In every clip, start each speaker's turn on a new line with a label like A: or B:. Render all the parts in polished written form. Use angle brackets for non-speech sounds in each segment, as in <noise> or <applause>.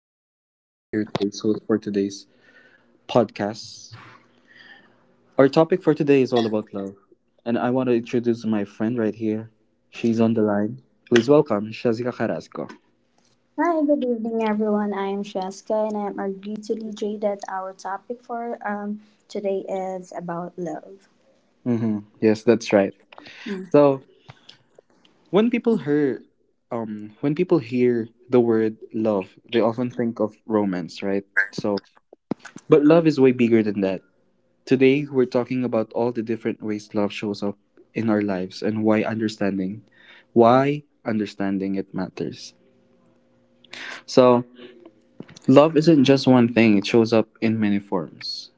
A: My name is Lee J, here today's host for today's podcast. Our topic for today is all about love, and I want to introduce my friend right here. She's on the line. Please welcome Shazika Carrasco.
B: Hi, good evening, everyone. I am Sheska, and I am agreed to DJ that our topic for today is about love.
A: Mm-hmm. Yes, that's right. So when people hear, when people hear the word love, they often think of romance, right? So, but love is way bigger than that. Today, we're talking about all the different ways love shows up in our lives and why understanding it matters. So, love isn't just one thing, it shows up in many forms.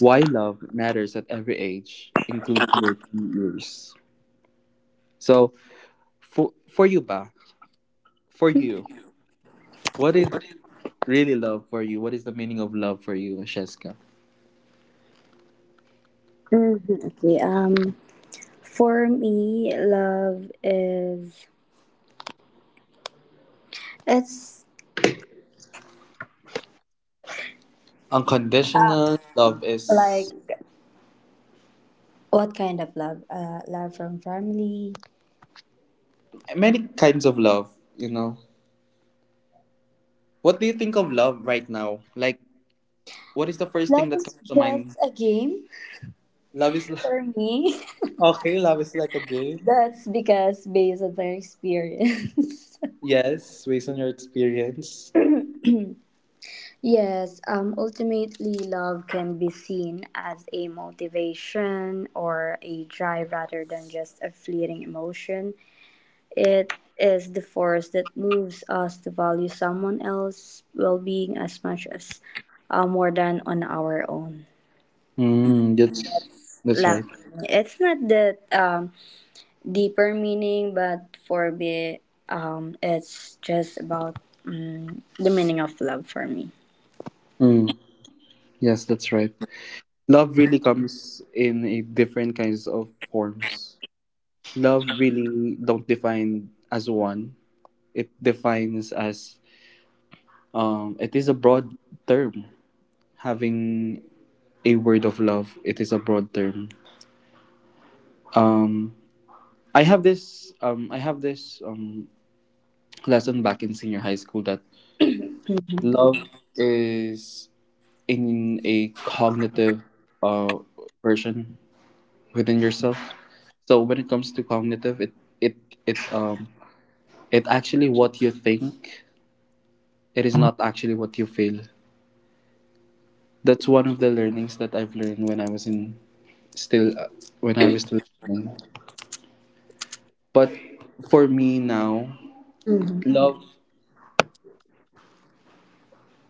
A: Why love matters at every age, including your teen years. So, for for you ba, for you, what is really love for you? What is the meaning of love for you, Sheska?
B: Mhm. Okay. For me, love is it's
A: Unconditional love
B: like
A: is
B: what kind of love? Love from family.
A: many kinds of love, you know. What do you think of love right now? Like, what is the first
B: Love
A: thing that
B: is
A: comes to mind?
B: just a game
A: Love is li-
B: for me.
A: <laughs> okay. Love is like a
B: <laughs>
A: game.
B: That's because based on my experience. <laughs>
A: Yes, based on your experience.
B: Yes, ultimately, love can be seen as a motivation or a drive rather than just a fleeting emotion. It is the force that moves us to value someone else's well being as much as more than on our own.
A: Mm, that's
B: Love.
A: right.
B: It's not that deeper meaning, but for me, it's just about the meaning of love for me.
A: Mm, yes, that's right. Love really comes in a different kinds of forms. Love really don't define as one. It defines as it is a broad term. Having a word of love, it is a broad term. Um, I have this lesson back in senior high school that
B: <clears throat>
A: love is in a cognitive uh, version within yourself. So when it comes to cognitive, it it um it actually what you think. It is not actually what you feel. That's one of the learnings that I've learned when I was in still when I was still learning. But for me now,
B: Hmm.
A: love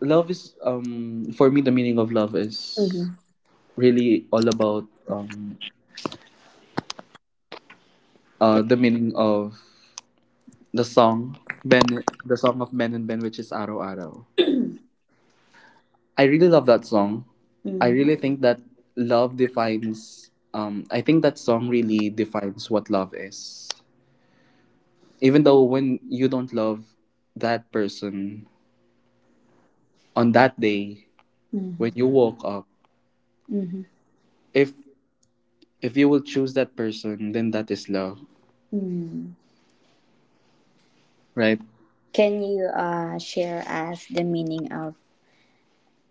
A: love is for me the meaning of love
B: Hmm.
A: is really all about the meaning of the song Ben, the song of Ben and Ben, which is Araw Araw. I really love that song. I
B: Hmm.
A: really think that love defines. I think that song really defines what love is. Even though when you don't love that person on that day,
B: Mm-hmm.
A: when you woke up,
B: Mm-hmm.
A: if if you will choose that person, then that is love,
B: Mm.
A: right?
B: Can you share us the meaning of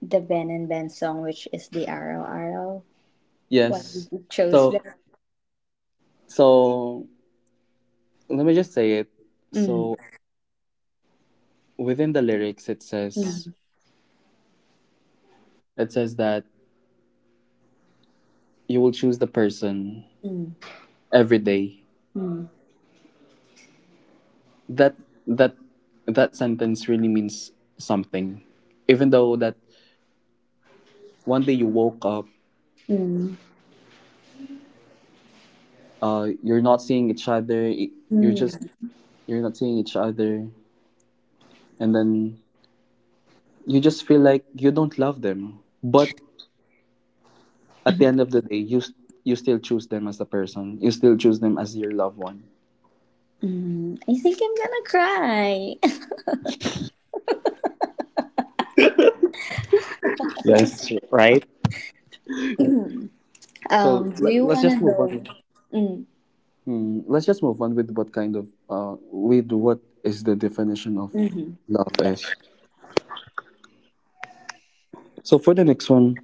B: the Ben and Ben song, which is the Arrow Arrow? Why did
A: Yes.
B: you chose
A: So,
B: that?
A: so let me just say it.
B: Mm,
A: So within the lyrics, it
B: mm,
A: says that you will choose the person
B: mm,
A: every day.
B: mm,
A: That that that sentence really means something. Even though that one day you woke up,
B: mm,
A: you're not seeing each other. y- You're
B: mm,
A: just you're not seeing each other, and then you just feel like you don't love them. But at the end of the day, you still choose them as a person. You still choose them as your loved one.
B: mm. I think I'm gonna cry.
A: Yes.
B: <coughs> <laughs>
A: So,
B: Do you
A: let's just
B: wanna
A: move
B: know?
A: on.
B: Mm.
A: Mm, let's just move on with what is the definition of
B: Mm-hmm.
A: love is. So for the next one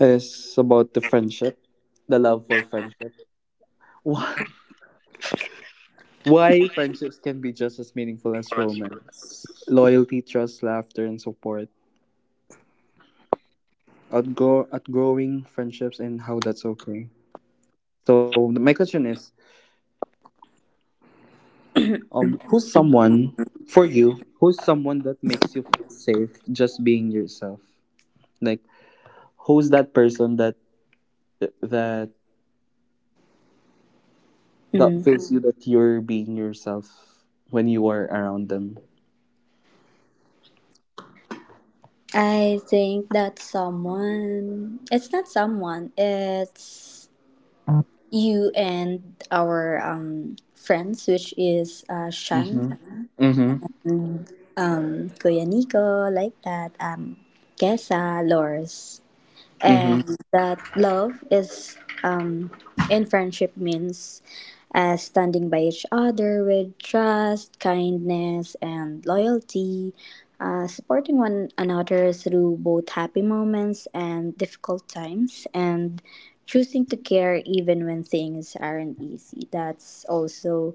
A: is about the friendship, the love for friendship. Why why friendships can be just as meaningful as romance. Loyalty, trust, laughter, and support. Outgrowing friendships and how that's okay. So my question is,
B: <coughs> <clears throat>
A: who's someone for you? Who's someone that makes you feel safe just being yourself? Like, who's that person that Th- that
B: Mm.
A: feels you that you're being yourself when you are around them.
B: I think that someone, it's not someone, it's you and our friends, which is Shan,
A: Mm-hmm. Mm-hmm.
B: and Kuya Nico, like that, Kesa, Lors
A: Mm-hmm.
B: and that love is um, in friendship means standing by each other with trust, kindness, and loyalty, supporting one another through both happy moments and difficult times, and choosing to care even when things aren't easy. That's also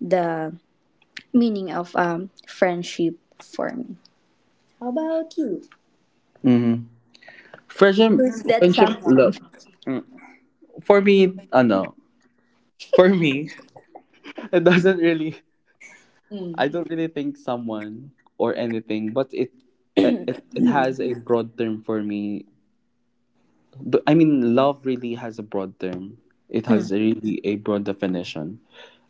B: the meaning of friendship for me. How about you?
A: Friendship,
B: Who's that
A: friendship,
B: someone?
A: look, for me, ano, for me, <laughs> it doesn't really,
B: Mm.
A: I don't really think someone or anything, but it has a broad term for me. But I mean, love really has a broad term. It has
B: Mm.
A: really a broad definition.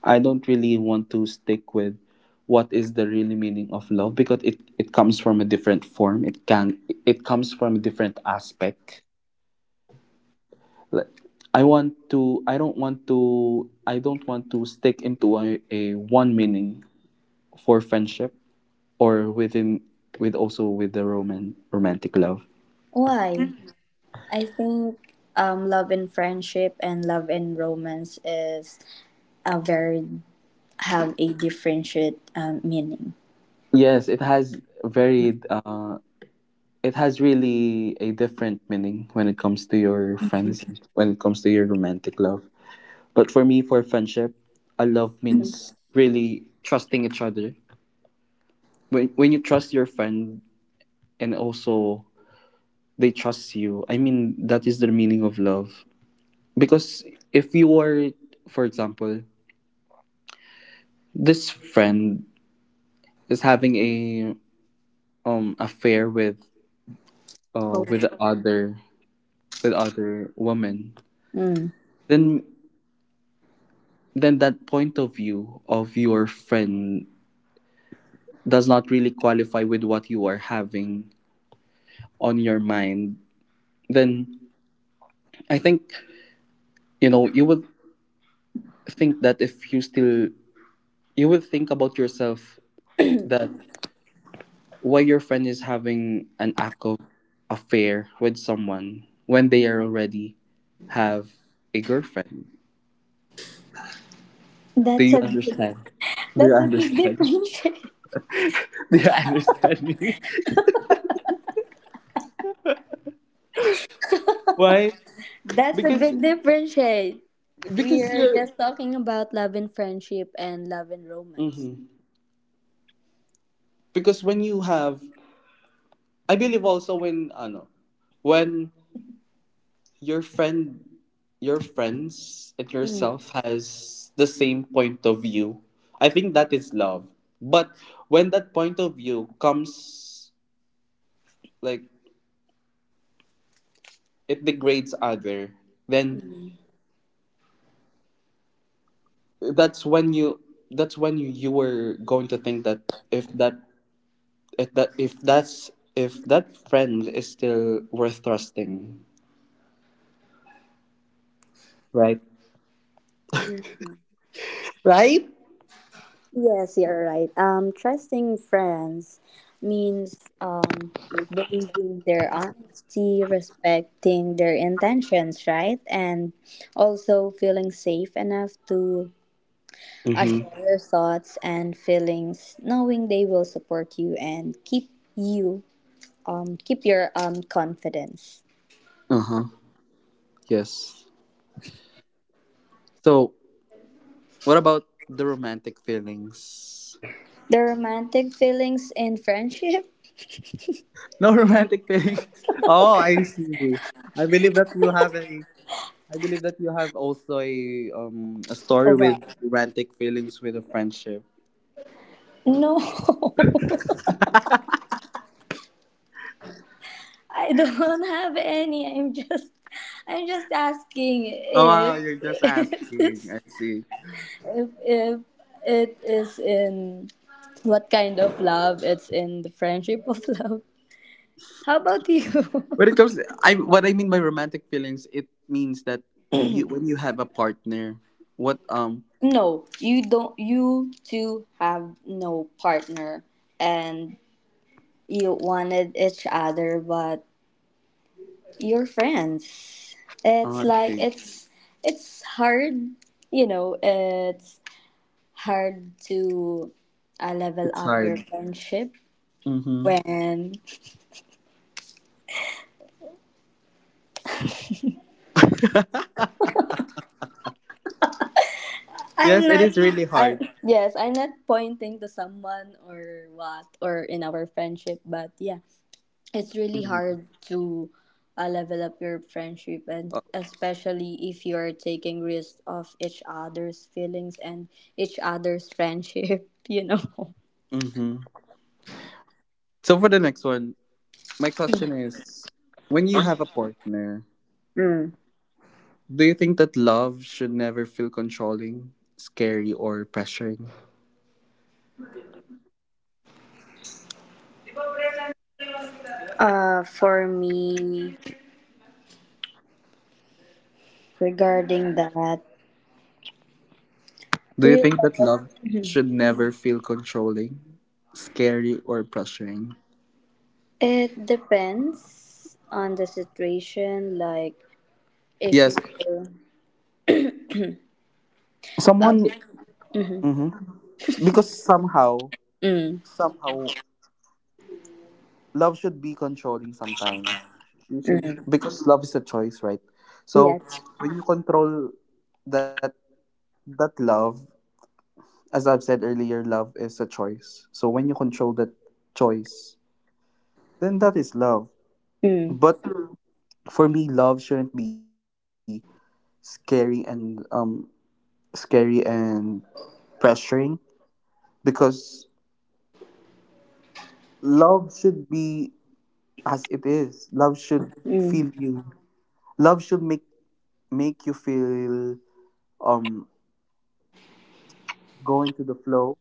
A: I don't really want to stick with what is the really meaning of love because it comes from a different form. It comes from a different aspect. Like, I don't want to stick into a one meaning for friendship or within with also with the romantic love.
B: Why? I think love and friendship and love and romance is a very have a differentiate meaning.
A: Yes, it has varied. It has really a different meaning when it comes to your friends, when it comes to your romantic love. But for me, for friendship, a love
B: Mm.
A: means really trusting each other. When you trust your friend and also they trust you, I mean that is the meaning of love. Because if you are, for example, this friend is having a affair with uh
B: Oh.
A: with the other woman,
B: Mm.
A: then then that point of view of your friend does not really qualify with what you are having on your mind, then I think, you know, you would think that if you still you would think about yourself that why your friend is having an act of affair with someone when they are already have a girlfriend. Do
B: That's
A: you
B: a big-
A: understand? Do you
B: that's a big
A: understand?
B: differentiate. <laughs>
A: <laughs> Do you understand me? <laughs> Why?
B: That's a
A: because
B: big differentiate. We
A: because
B: are
A: you're
B: just talking about love and friendship and love and romance.
A: Mhm. because when you have, I believe also when ano when your friend, your friends and
B: Mm.
A: yourself has the same point of view, I think that is love. But when that point of view comes like it degrades other, then
B: Mm.
A: that's when you were going to think that if that if that if that's if that friend is still worth trusting, right? Right?
B: Yes, you're right. Trusting friends means believing their honesty, respecting their intentions, right? And also feeling safe enough to
A: Mm-hmm.
B: share your thoughts and feelings, knowing they will support you and keep your confidence.
A: Uh-huh. Yes. So, what about the romantic feelings? <laughs>
B: The romantic feelings in friendship?
A: No romantic feelings. <laughs> Oh, I see. I believe that you have a. I believe that you have also a story
B: Overall.
A: with romantic feelings with a friendship.
B: No. <laughs> I don't <laughs> have any. I'm just asking
A: Oh, wow,
B: if
A: you're just
B: <laughs>
A: asking.
B: if
A: I see.
B: if it is in what kind of love it's in the friendship of <laughs> love. How about you?
A: When it comes, I what I mean by romantic feelings, it means that you when you have a partner, what
B: <laughs> No, you two have no partner and you wanted each other but you're friends.
A: oh,
B: It's
A: I
B: like
A: see.
B: it's hard, it's hard to level
A: It's
B: up your
A: hard.
B: friendship
A: Mm-hmm. <laughs>
B: when I'm
A: Yes, it
B: not
A: is really hard.
B: I yes, I'm not pointing to someone or what or in our friendship, but yeah, it's really
A: Mhm.
B: hard to level up your friendship and especially if you're taking risk of each other's feelings and each other's friendship, <laughs> you know.
A: Mm-hmm. So for the next one, my question is: when you have a partner,
B: Mm.
A: do you think that love should never feel controlling, scary, or pressuring?
B: For me regarding that
A: Do you
B: really.
A: think that love should never feel controlling, scary, or pressuring?
B: It depends on the situation. Like if
A: Yes,
B: you go up,
A: someone.
B: mm-hmm,
A: Mm-hmm. Because somehow,
B: mm,
A: somehow, love should be controlling sometimes. You should
B: mm,
A: because love is a choice, right? So
B: yes,
A: when you control that that love, as I've said earlier, love is a choice. So when you control that choice, then that is love.
B: mm,
A: But Mm. for me, love shouldn't be scary and scary and pressuring because love should be as it is. Love should
B: mm.
A: feel you. Love should make you feel um going to the flow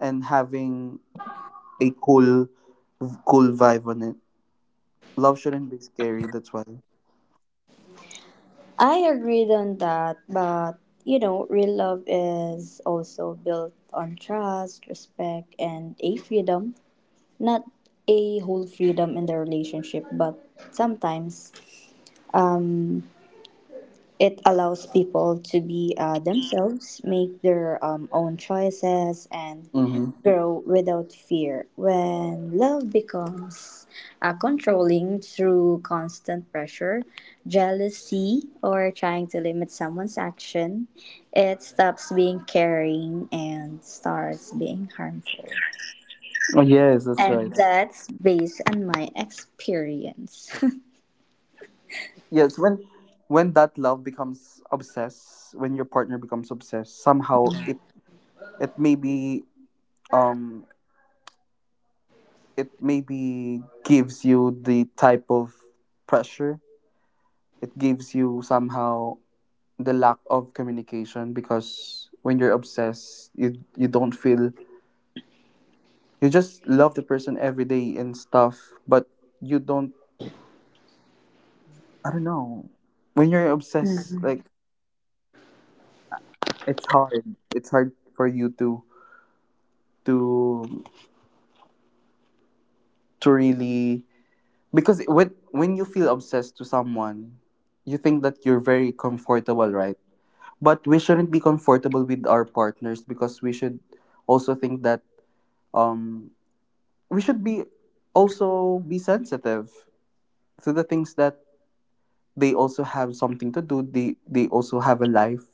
A: and having a cool vibe on it. Love shouldn't be scary. That's why.
B: I agreed on that, but real love is also built on trust, respect, and a freedom, not a whole freedom in the relationship, but sometimes um it allows people to be themselves, make their own choices, and
A: Mm-hmm.
B: grow without fear. When love becomes controlling through constant pressure, jealousy, or trying to limit someone's action, it stops being caring and starts being harmful.
A: Oh, yes, that's right.
B: And that's based on my experience.
A: Yes, when that love becomes obsessed, when your partner becomes obsessed, somehow it maybe um it maybe gives you the type of pressure. It gives you somehow the lack of communication because when you're obsessed, you don't feel, you just love the person every day and stuff, but you don't. I don't know. When you're obsessed, like,
B: <laughs>
A: it's hard. It's hard for you to to really, because when you feel obsessed to someone, you think that you're very comfortable, right? But we shouldn't be comfortable with our partners because we should also think that um we should be also be sensitive to the things that they also have something to do. They also have a life.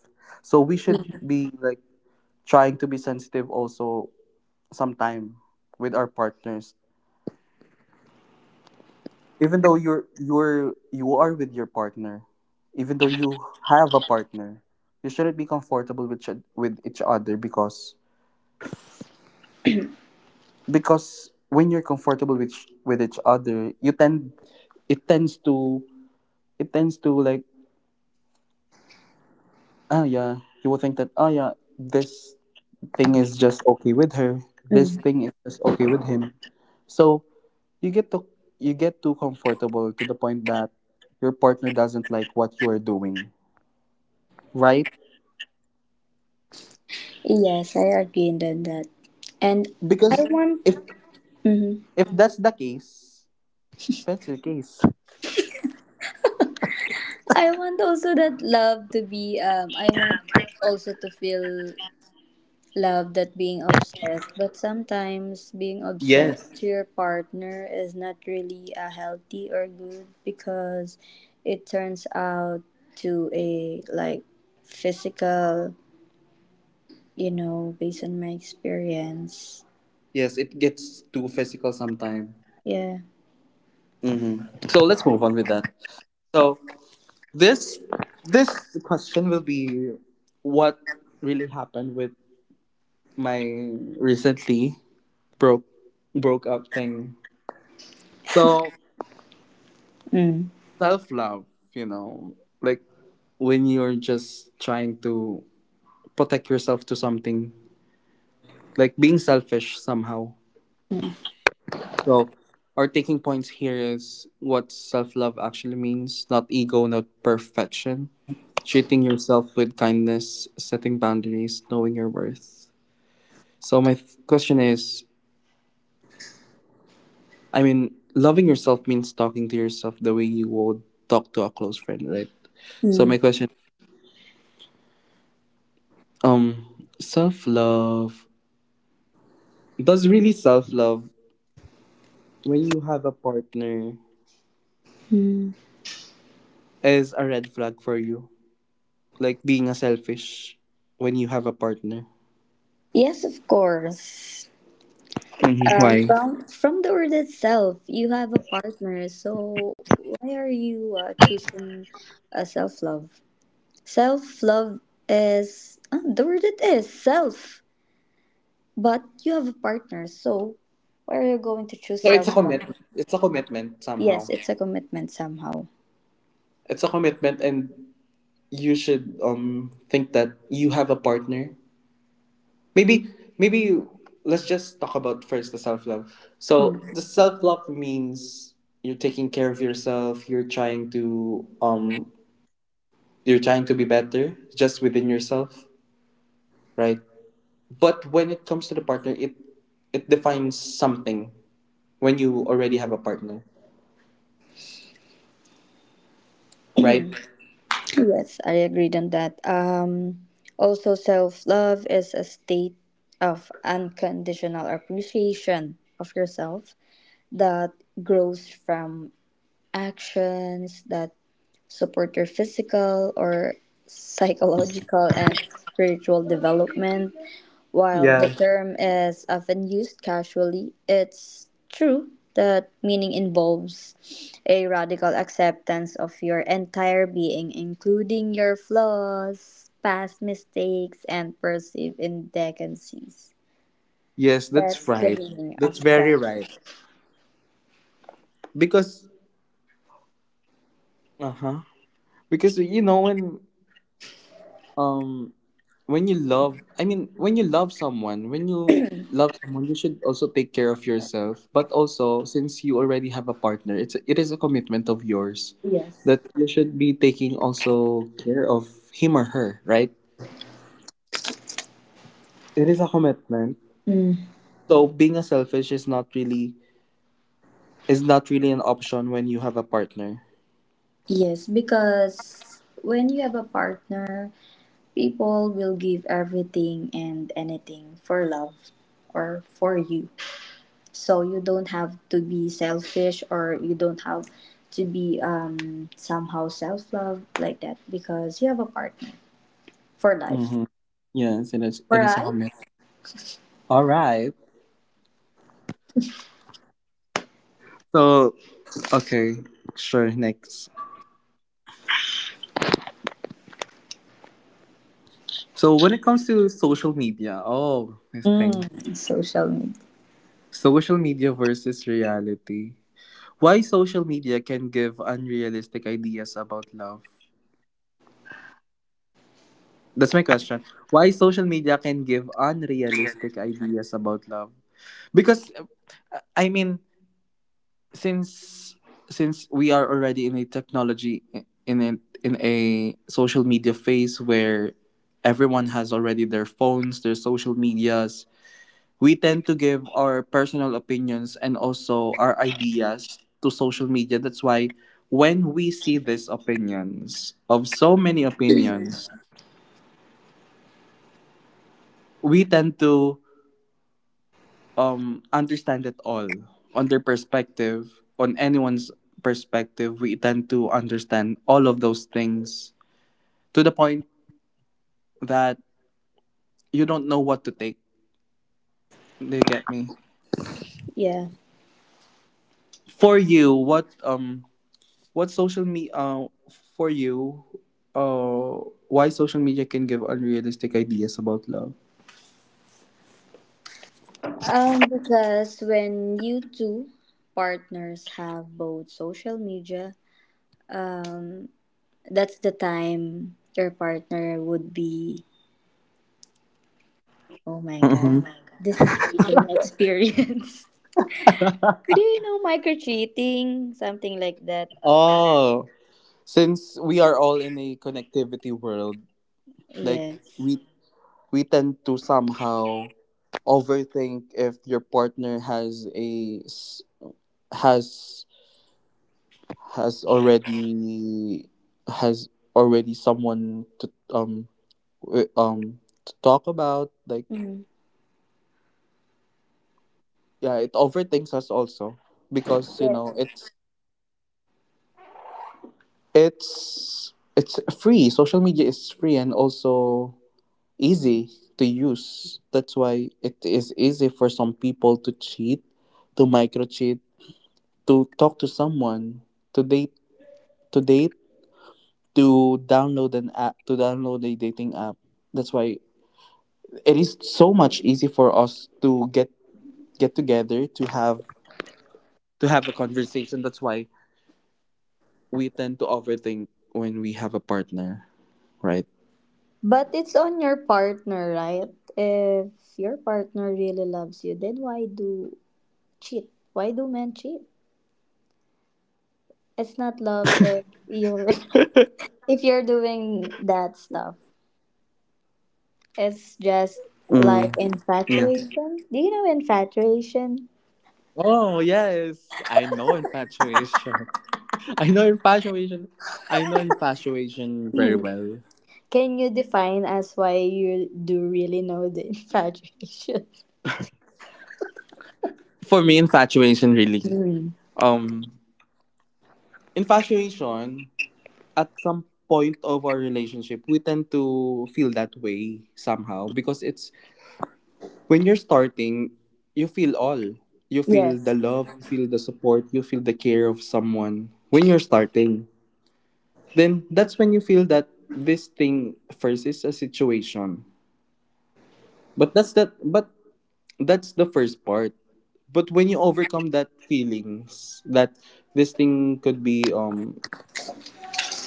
A: So we should be like trying to be sensitive also sometime with our partners, even though you are with your partner, even though you have a partner, you shouldn't be comfortable with each other. Because when you're comfortable with with each other, you tend, it tends to, it tends to like, ah, yeah, you will think that, ah, yeah, this thing is just okay with her, this
B: Mhm.
A: thing is just okay with him, so you get to, you get too comfortable to the point that your partner doesn't like what you are doing, right?
B: Yes, I agree on that. And I
A: Because
B: want
A: if
B: mhm.
A: if that's the case, pencil case.
B: I want also that love to be I want also to feel love that being obsessed, but sometimes being obsessed
A: Yes.
B: to your partner is not really healthy or good because it turns out to a like physical, based on my experience.
A: Yes, it gets too physical sometime.
B: Yeah.
A: Hmm. So let's move on with that. So this this question will be what really happened with my recently broke broke up thing. So,
B: Mm.
A: self love, you know, like when you're just trying to protect yourself to something, like being selfish somehow.
B: Mm.
A: So, our taking points here is what self love actually means, not ego, not perfection. Treating yourself with kindness, setting boundaries, knowing your worth. So, my question is, I mean, loving yourself means talking to yourself the way you would talk to a close friend, right? So, my
B: Mm.
A: question, self love, does really self love, when you have a partner,
B: Mm.
A: is a red flag for you? Like being a selfish when you have a partner?
B: Yes, of course.
A: Mhm. Why?
B: From the word itself, you have a partner. So why are you choosing self love? Self love is the word it is self, but you have a partner. So why are you going to choose
A: So it's
B: self
A: a
B: love?
A: commitment. It's a commitment
B: Yes,
A: somehow.
B: it's a commitment somehow.
A: It's a commitment, and you should think that you have a partner. Maybe, maybe let's just talk about first the self love.
B: Mm.
A: So the self love means you're taking care of yourself. You're trying to be better just within yourself, right? But when it comes to the partner, it defines something when you already have a partner, right?
B: Yes, I agreed on that. Also, self love is a state of unconditional appreciation of yourself that grows from actions that support your physical or psychological and spiritual development. While the term is often used casually, it's true that meaning involves a radical acceptance of your entire being, including your flaws, past mistakes, and perceived indecencies.
A: Yes, that's
B: That's the
A: right.
B: meaning of
A: That's very
B: that.
A: right. Because uh-huh. Because you know um when you love, when you love someone, when you love someone, you should also take care of yourself. But also since you already have a partner, it is a commitment of yours
B: Yes.
A: that you should be taking also care of him or her, right? It is a commitment. So being a selfish is not really an option when you have a partner.
B: Yes, because when you have a partner, people will give everything and anything for love or for you. So you don't have to be selfish or you don't have to be somehow self love like that because you have a partner for life.
A: Mm-hmm. Yes, it is it
B: For
A: is a commitment.
B: life?
A: All right. So, okay, sure, next. So, when it comes to social media, oh, this thing,
B: Mm, social media.
A: social media versus reality. Why social media can give unrealistic ideas about love? That's my question. Why social media can give unrealistic ideas about love? Because, I mean, since since we are already in a technology, in a, in a social media phase where everyone has already their phones, their social medias, we tend to give our personal opinions and also our ideas to social media. That's why when we see these opinions, of so many opinions, we tend to understand it all on their perspective, on anyone's perspective. We tend to understand all of those things to the point that you don't know what to take. Do you get me?
B: Yeah.
A: For you, what social media, for you, uh why social media can give unrealistic ideas about love?
B: Because when you two partners have both social media, um, that's the time your partner would be, oh my God,
A: Mhm.
B: this is based on my experience. <laughs> Do you know micro cheating? Something like that.
A: Oh, since we are all in a connectivity world, like,
B: Yes.
A: we we tend to somehow overthink if your partner has has already, has already someone to w- um to talk about, like,
B: Mhm.
A: yeah, it overthinks us also because, you
B: Yeah.
A: know, it's free. Social media is free and also easy to use. That's why it is easy for some people to cheat, to micro cheat, to talk to someone, to date, to date, to download an app, to download a dating app. That's why it is so much easy for us to get together to have a conversation. That's why we tend to overthink when we have a partner, right?
B: But it's on your partner, right? If your partner really loves you, then why do cheat? Why do men cheat? It's not love if you're <laughs> if you're doing that stuff.
A: Mm,
B: It's just
A: yeah.
B: like infatuation. Do you know infatuation?
A: Oh yes, I know infatuation. <laughs> I know infatuation. I know infatuation very well.
B: Hmm. Can you define as why you do really know the <laughs> infatuation?
A: For me, infatuation really.
B: Mm.
A: Um, Infatuation at some point of our relationship, we tend to feel that way somehow, because it's when you're starting, you feel all. You feel the
B: Yes.
A: love, you feel the support, you feel the care of someone when you're starting. Then that's when you feel that this thing first is a situation. But that's that but that's the first part. But when you overcome that feelings, that this thing could be um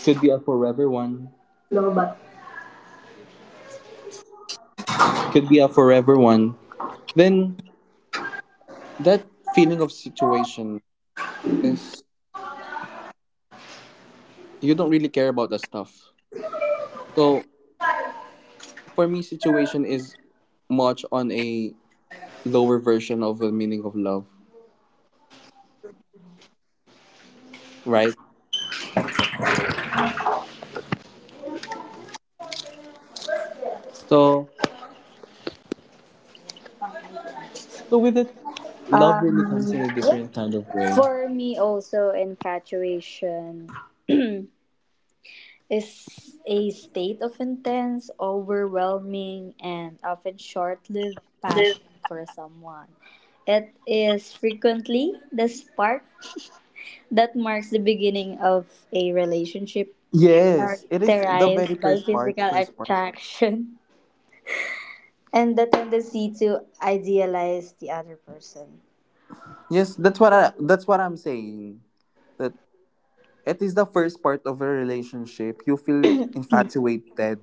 A: could be a forever one, could be a forever one, then that feeling of situation, is, you don't really care about the stuff. So for me, situation is much on a lower version of the meaning of love, right? So, with it, love really
B: Um,
A: comes in a
B: yeah.
A: different kind of way.
B: For me, also, infatuation is a state of intense, overwhelming, and often short lived passion for someone. It is frequently the spark <laughs> that marks the beginning of a relationship
A: Yes, it is the very
B: characterized by
A: first part.
B: physical
A: First part.
B: attraction and the tendency to idealize the other person.
A: Yes, that's what I, that's what I'm saying. That it is the first part of a relationship. You feel infatuated,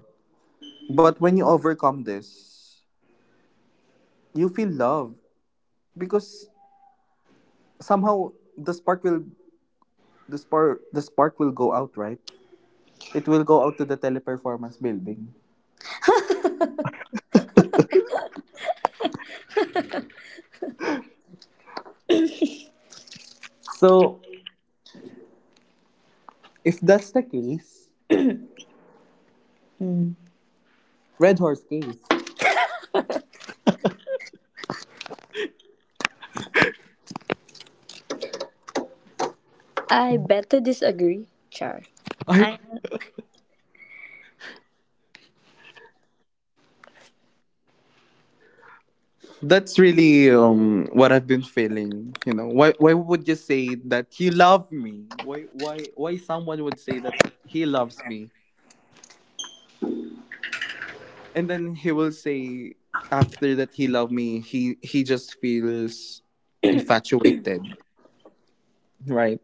A: but when you overcome this, you feel love, because somehow the spark will go out, right? It will go out to the Teleperformance building. So if that's the case,
B: Hmm.
A: Red Horse case.
B: I bet to disagree, Char.
A: I
B: I
A: That's really what I've been feeling. You know, why would you say that you love me? Why someone would say that he loves me? And then he will say after that he loved me, he just feels infatuated. Right.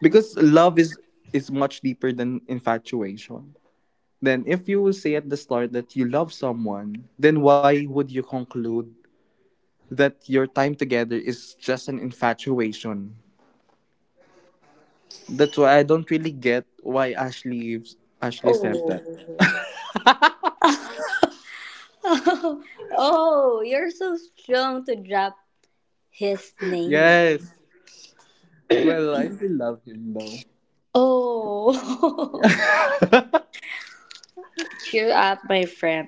A: Because love is much deeper than infatuation. Then if you will say at the start that you love someone, then why would you conclude that your time together is just an infatuation? That's why I don't really get why Ashley, Ashley said that.
B: Oh. <laughs> Oh, you're so strong to drop his name.
A: Yes, well, I still love him though.
B: Oh. <laughs> Cheer up, my friend.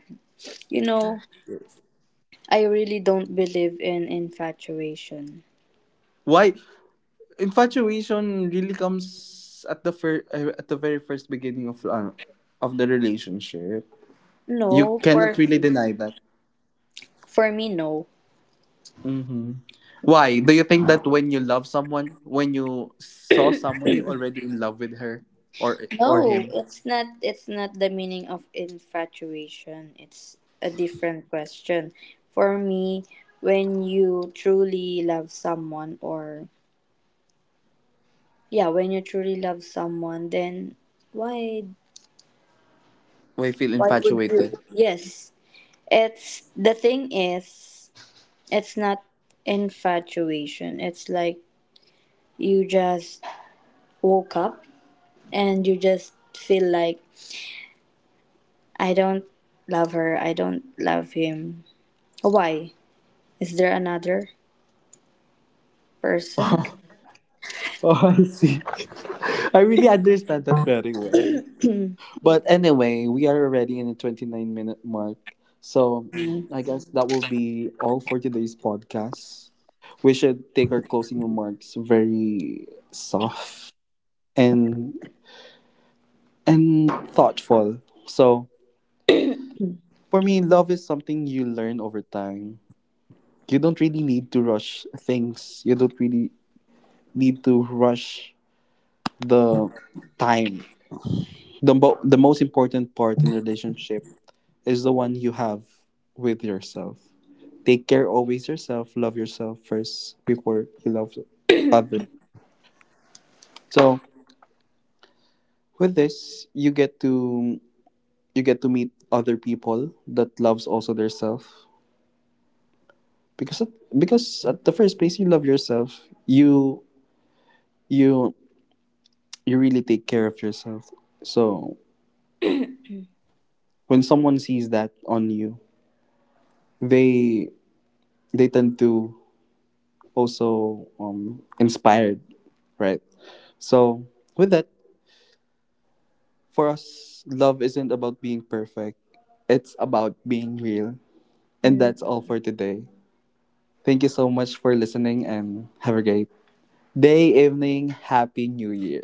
B: You know, I really don't believe in infatuation.
A: Why infatuation really comes at the at the very first beginning of the relationship, you
B: No,
A: cannot
B: for
A: really
B: me,
A: deny that.
B: for me, no.
A: Mm-hmm. Why? Do you think that when you love someone, when you saw someone, you already in love with her or
B: No,
A: him?
B: it's not the meaning of infatuation. It's a different question. For me, when you truly love someone or yeah, when you truly love someone, then why
A: We feel infatuated?
B: yes, it's the thing is it's not infatuation. It's like you just woke up and you just feel like I don't love her, I don't love him. Why? Is there another person?
A: Oh, <laughs> oh, I see. <laughs> I really understand that very well. But anyway, we are already in the 29-minute mark. So
B: Mm.
A: I guess that will be all for today's podcast. We should take our closing remarks very soft and and thoughtful. So,
B: <clears throat>
A: for me, love is something you learn over time. You don't really need to rush things. You don't really need to rush the time. The, the most important part in relationship is the one you have with yourself. Take care always yourself. Love yourself first before you love other. So with this, you get to meet other people that loves also their self, because at, because at the first place, you love yourself, you you really take care of yourself. So when someone sees that on you, they they tend to also inspired, right? So with that, for us, love isn't about being perfect, it's about being real. And
B: Mm.
A: that's
B: <coughs>
A: all for today. Thank you so much for listening and have a great day, evening, happy new year.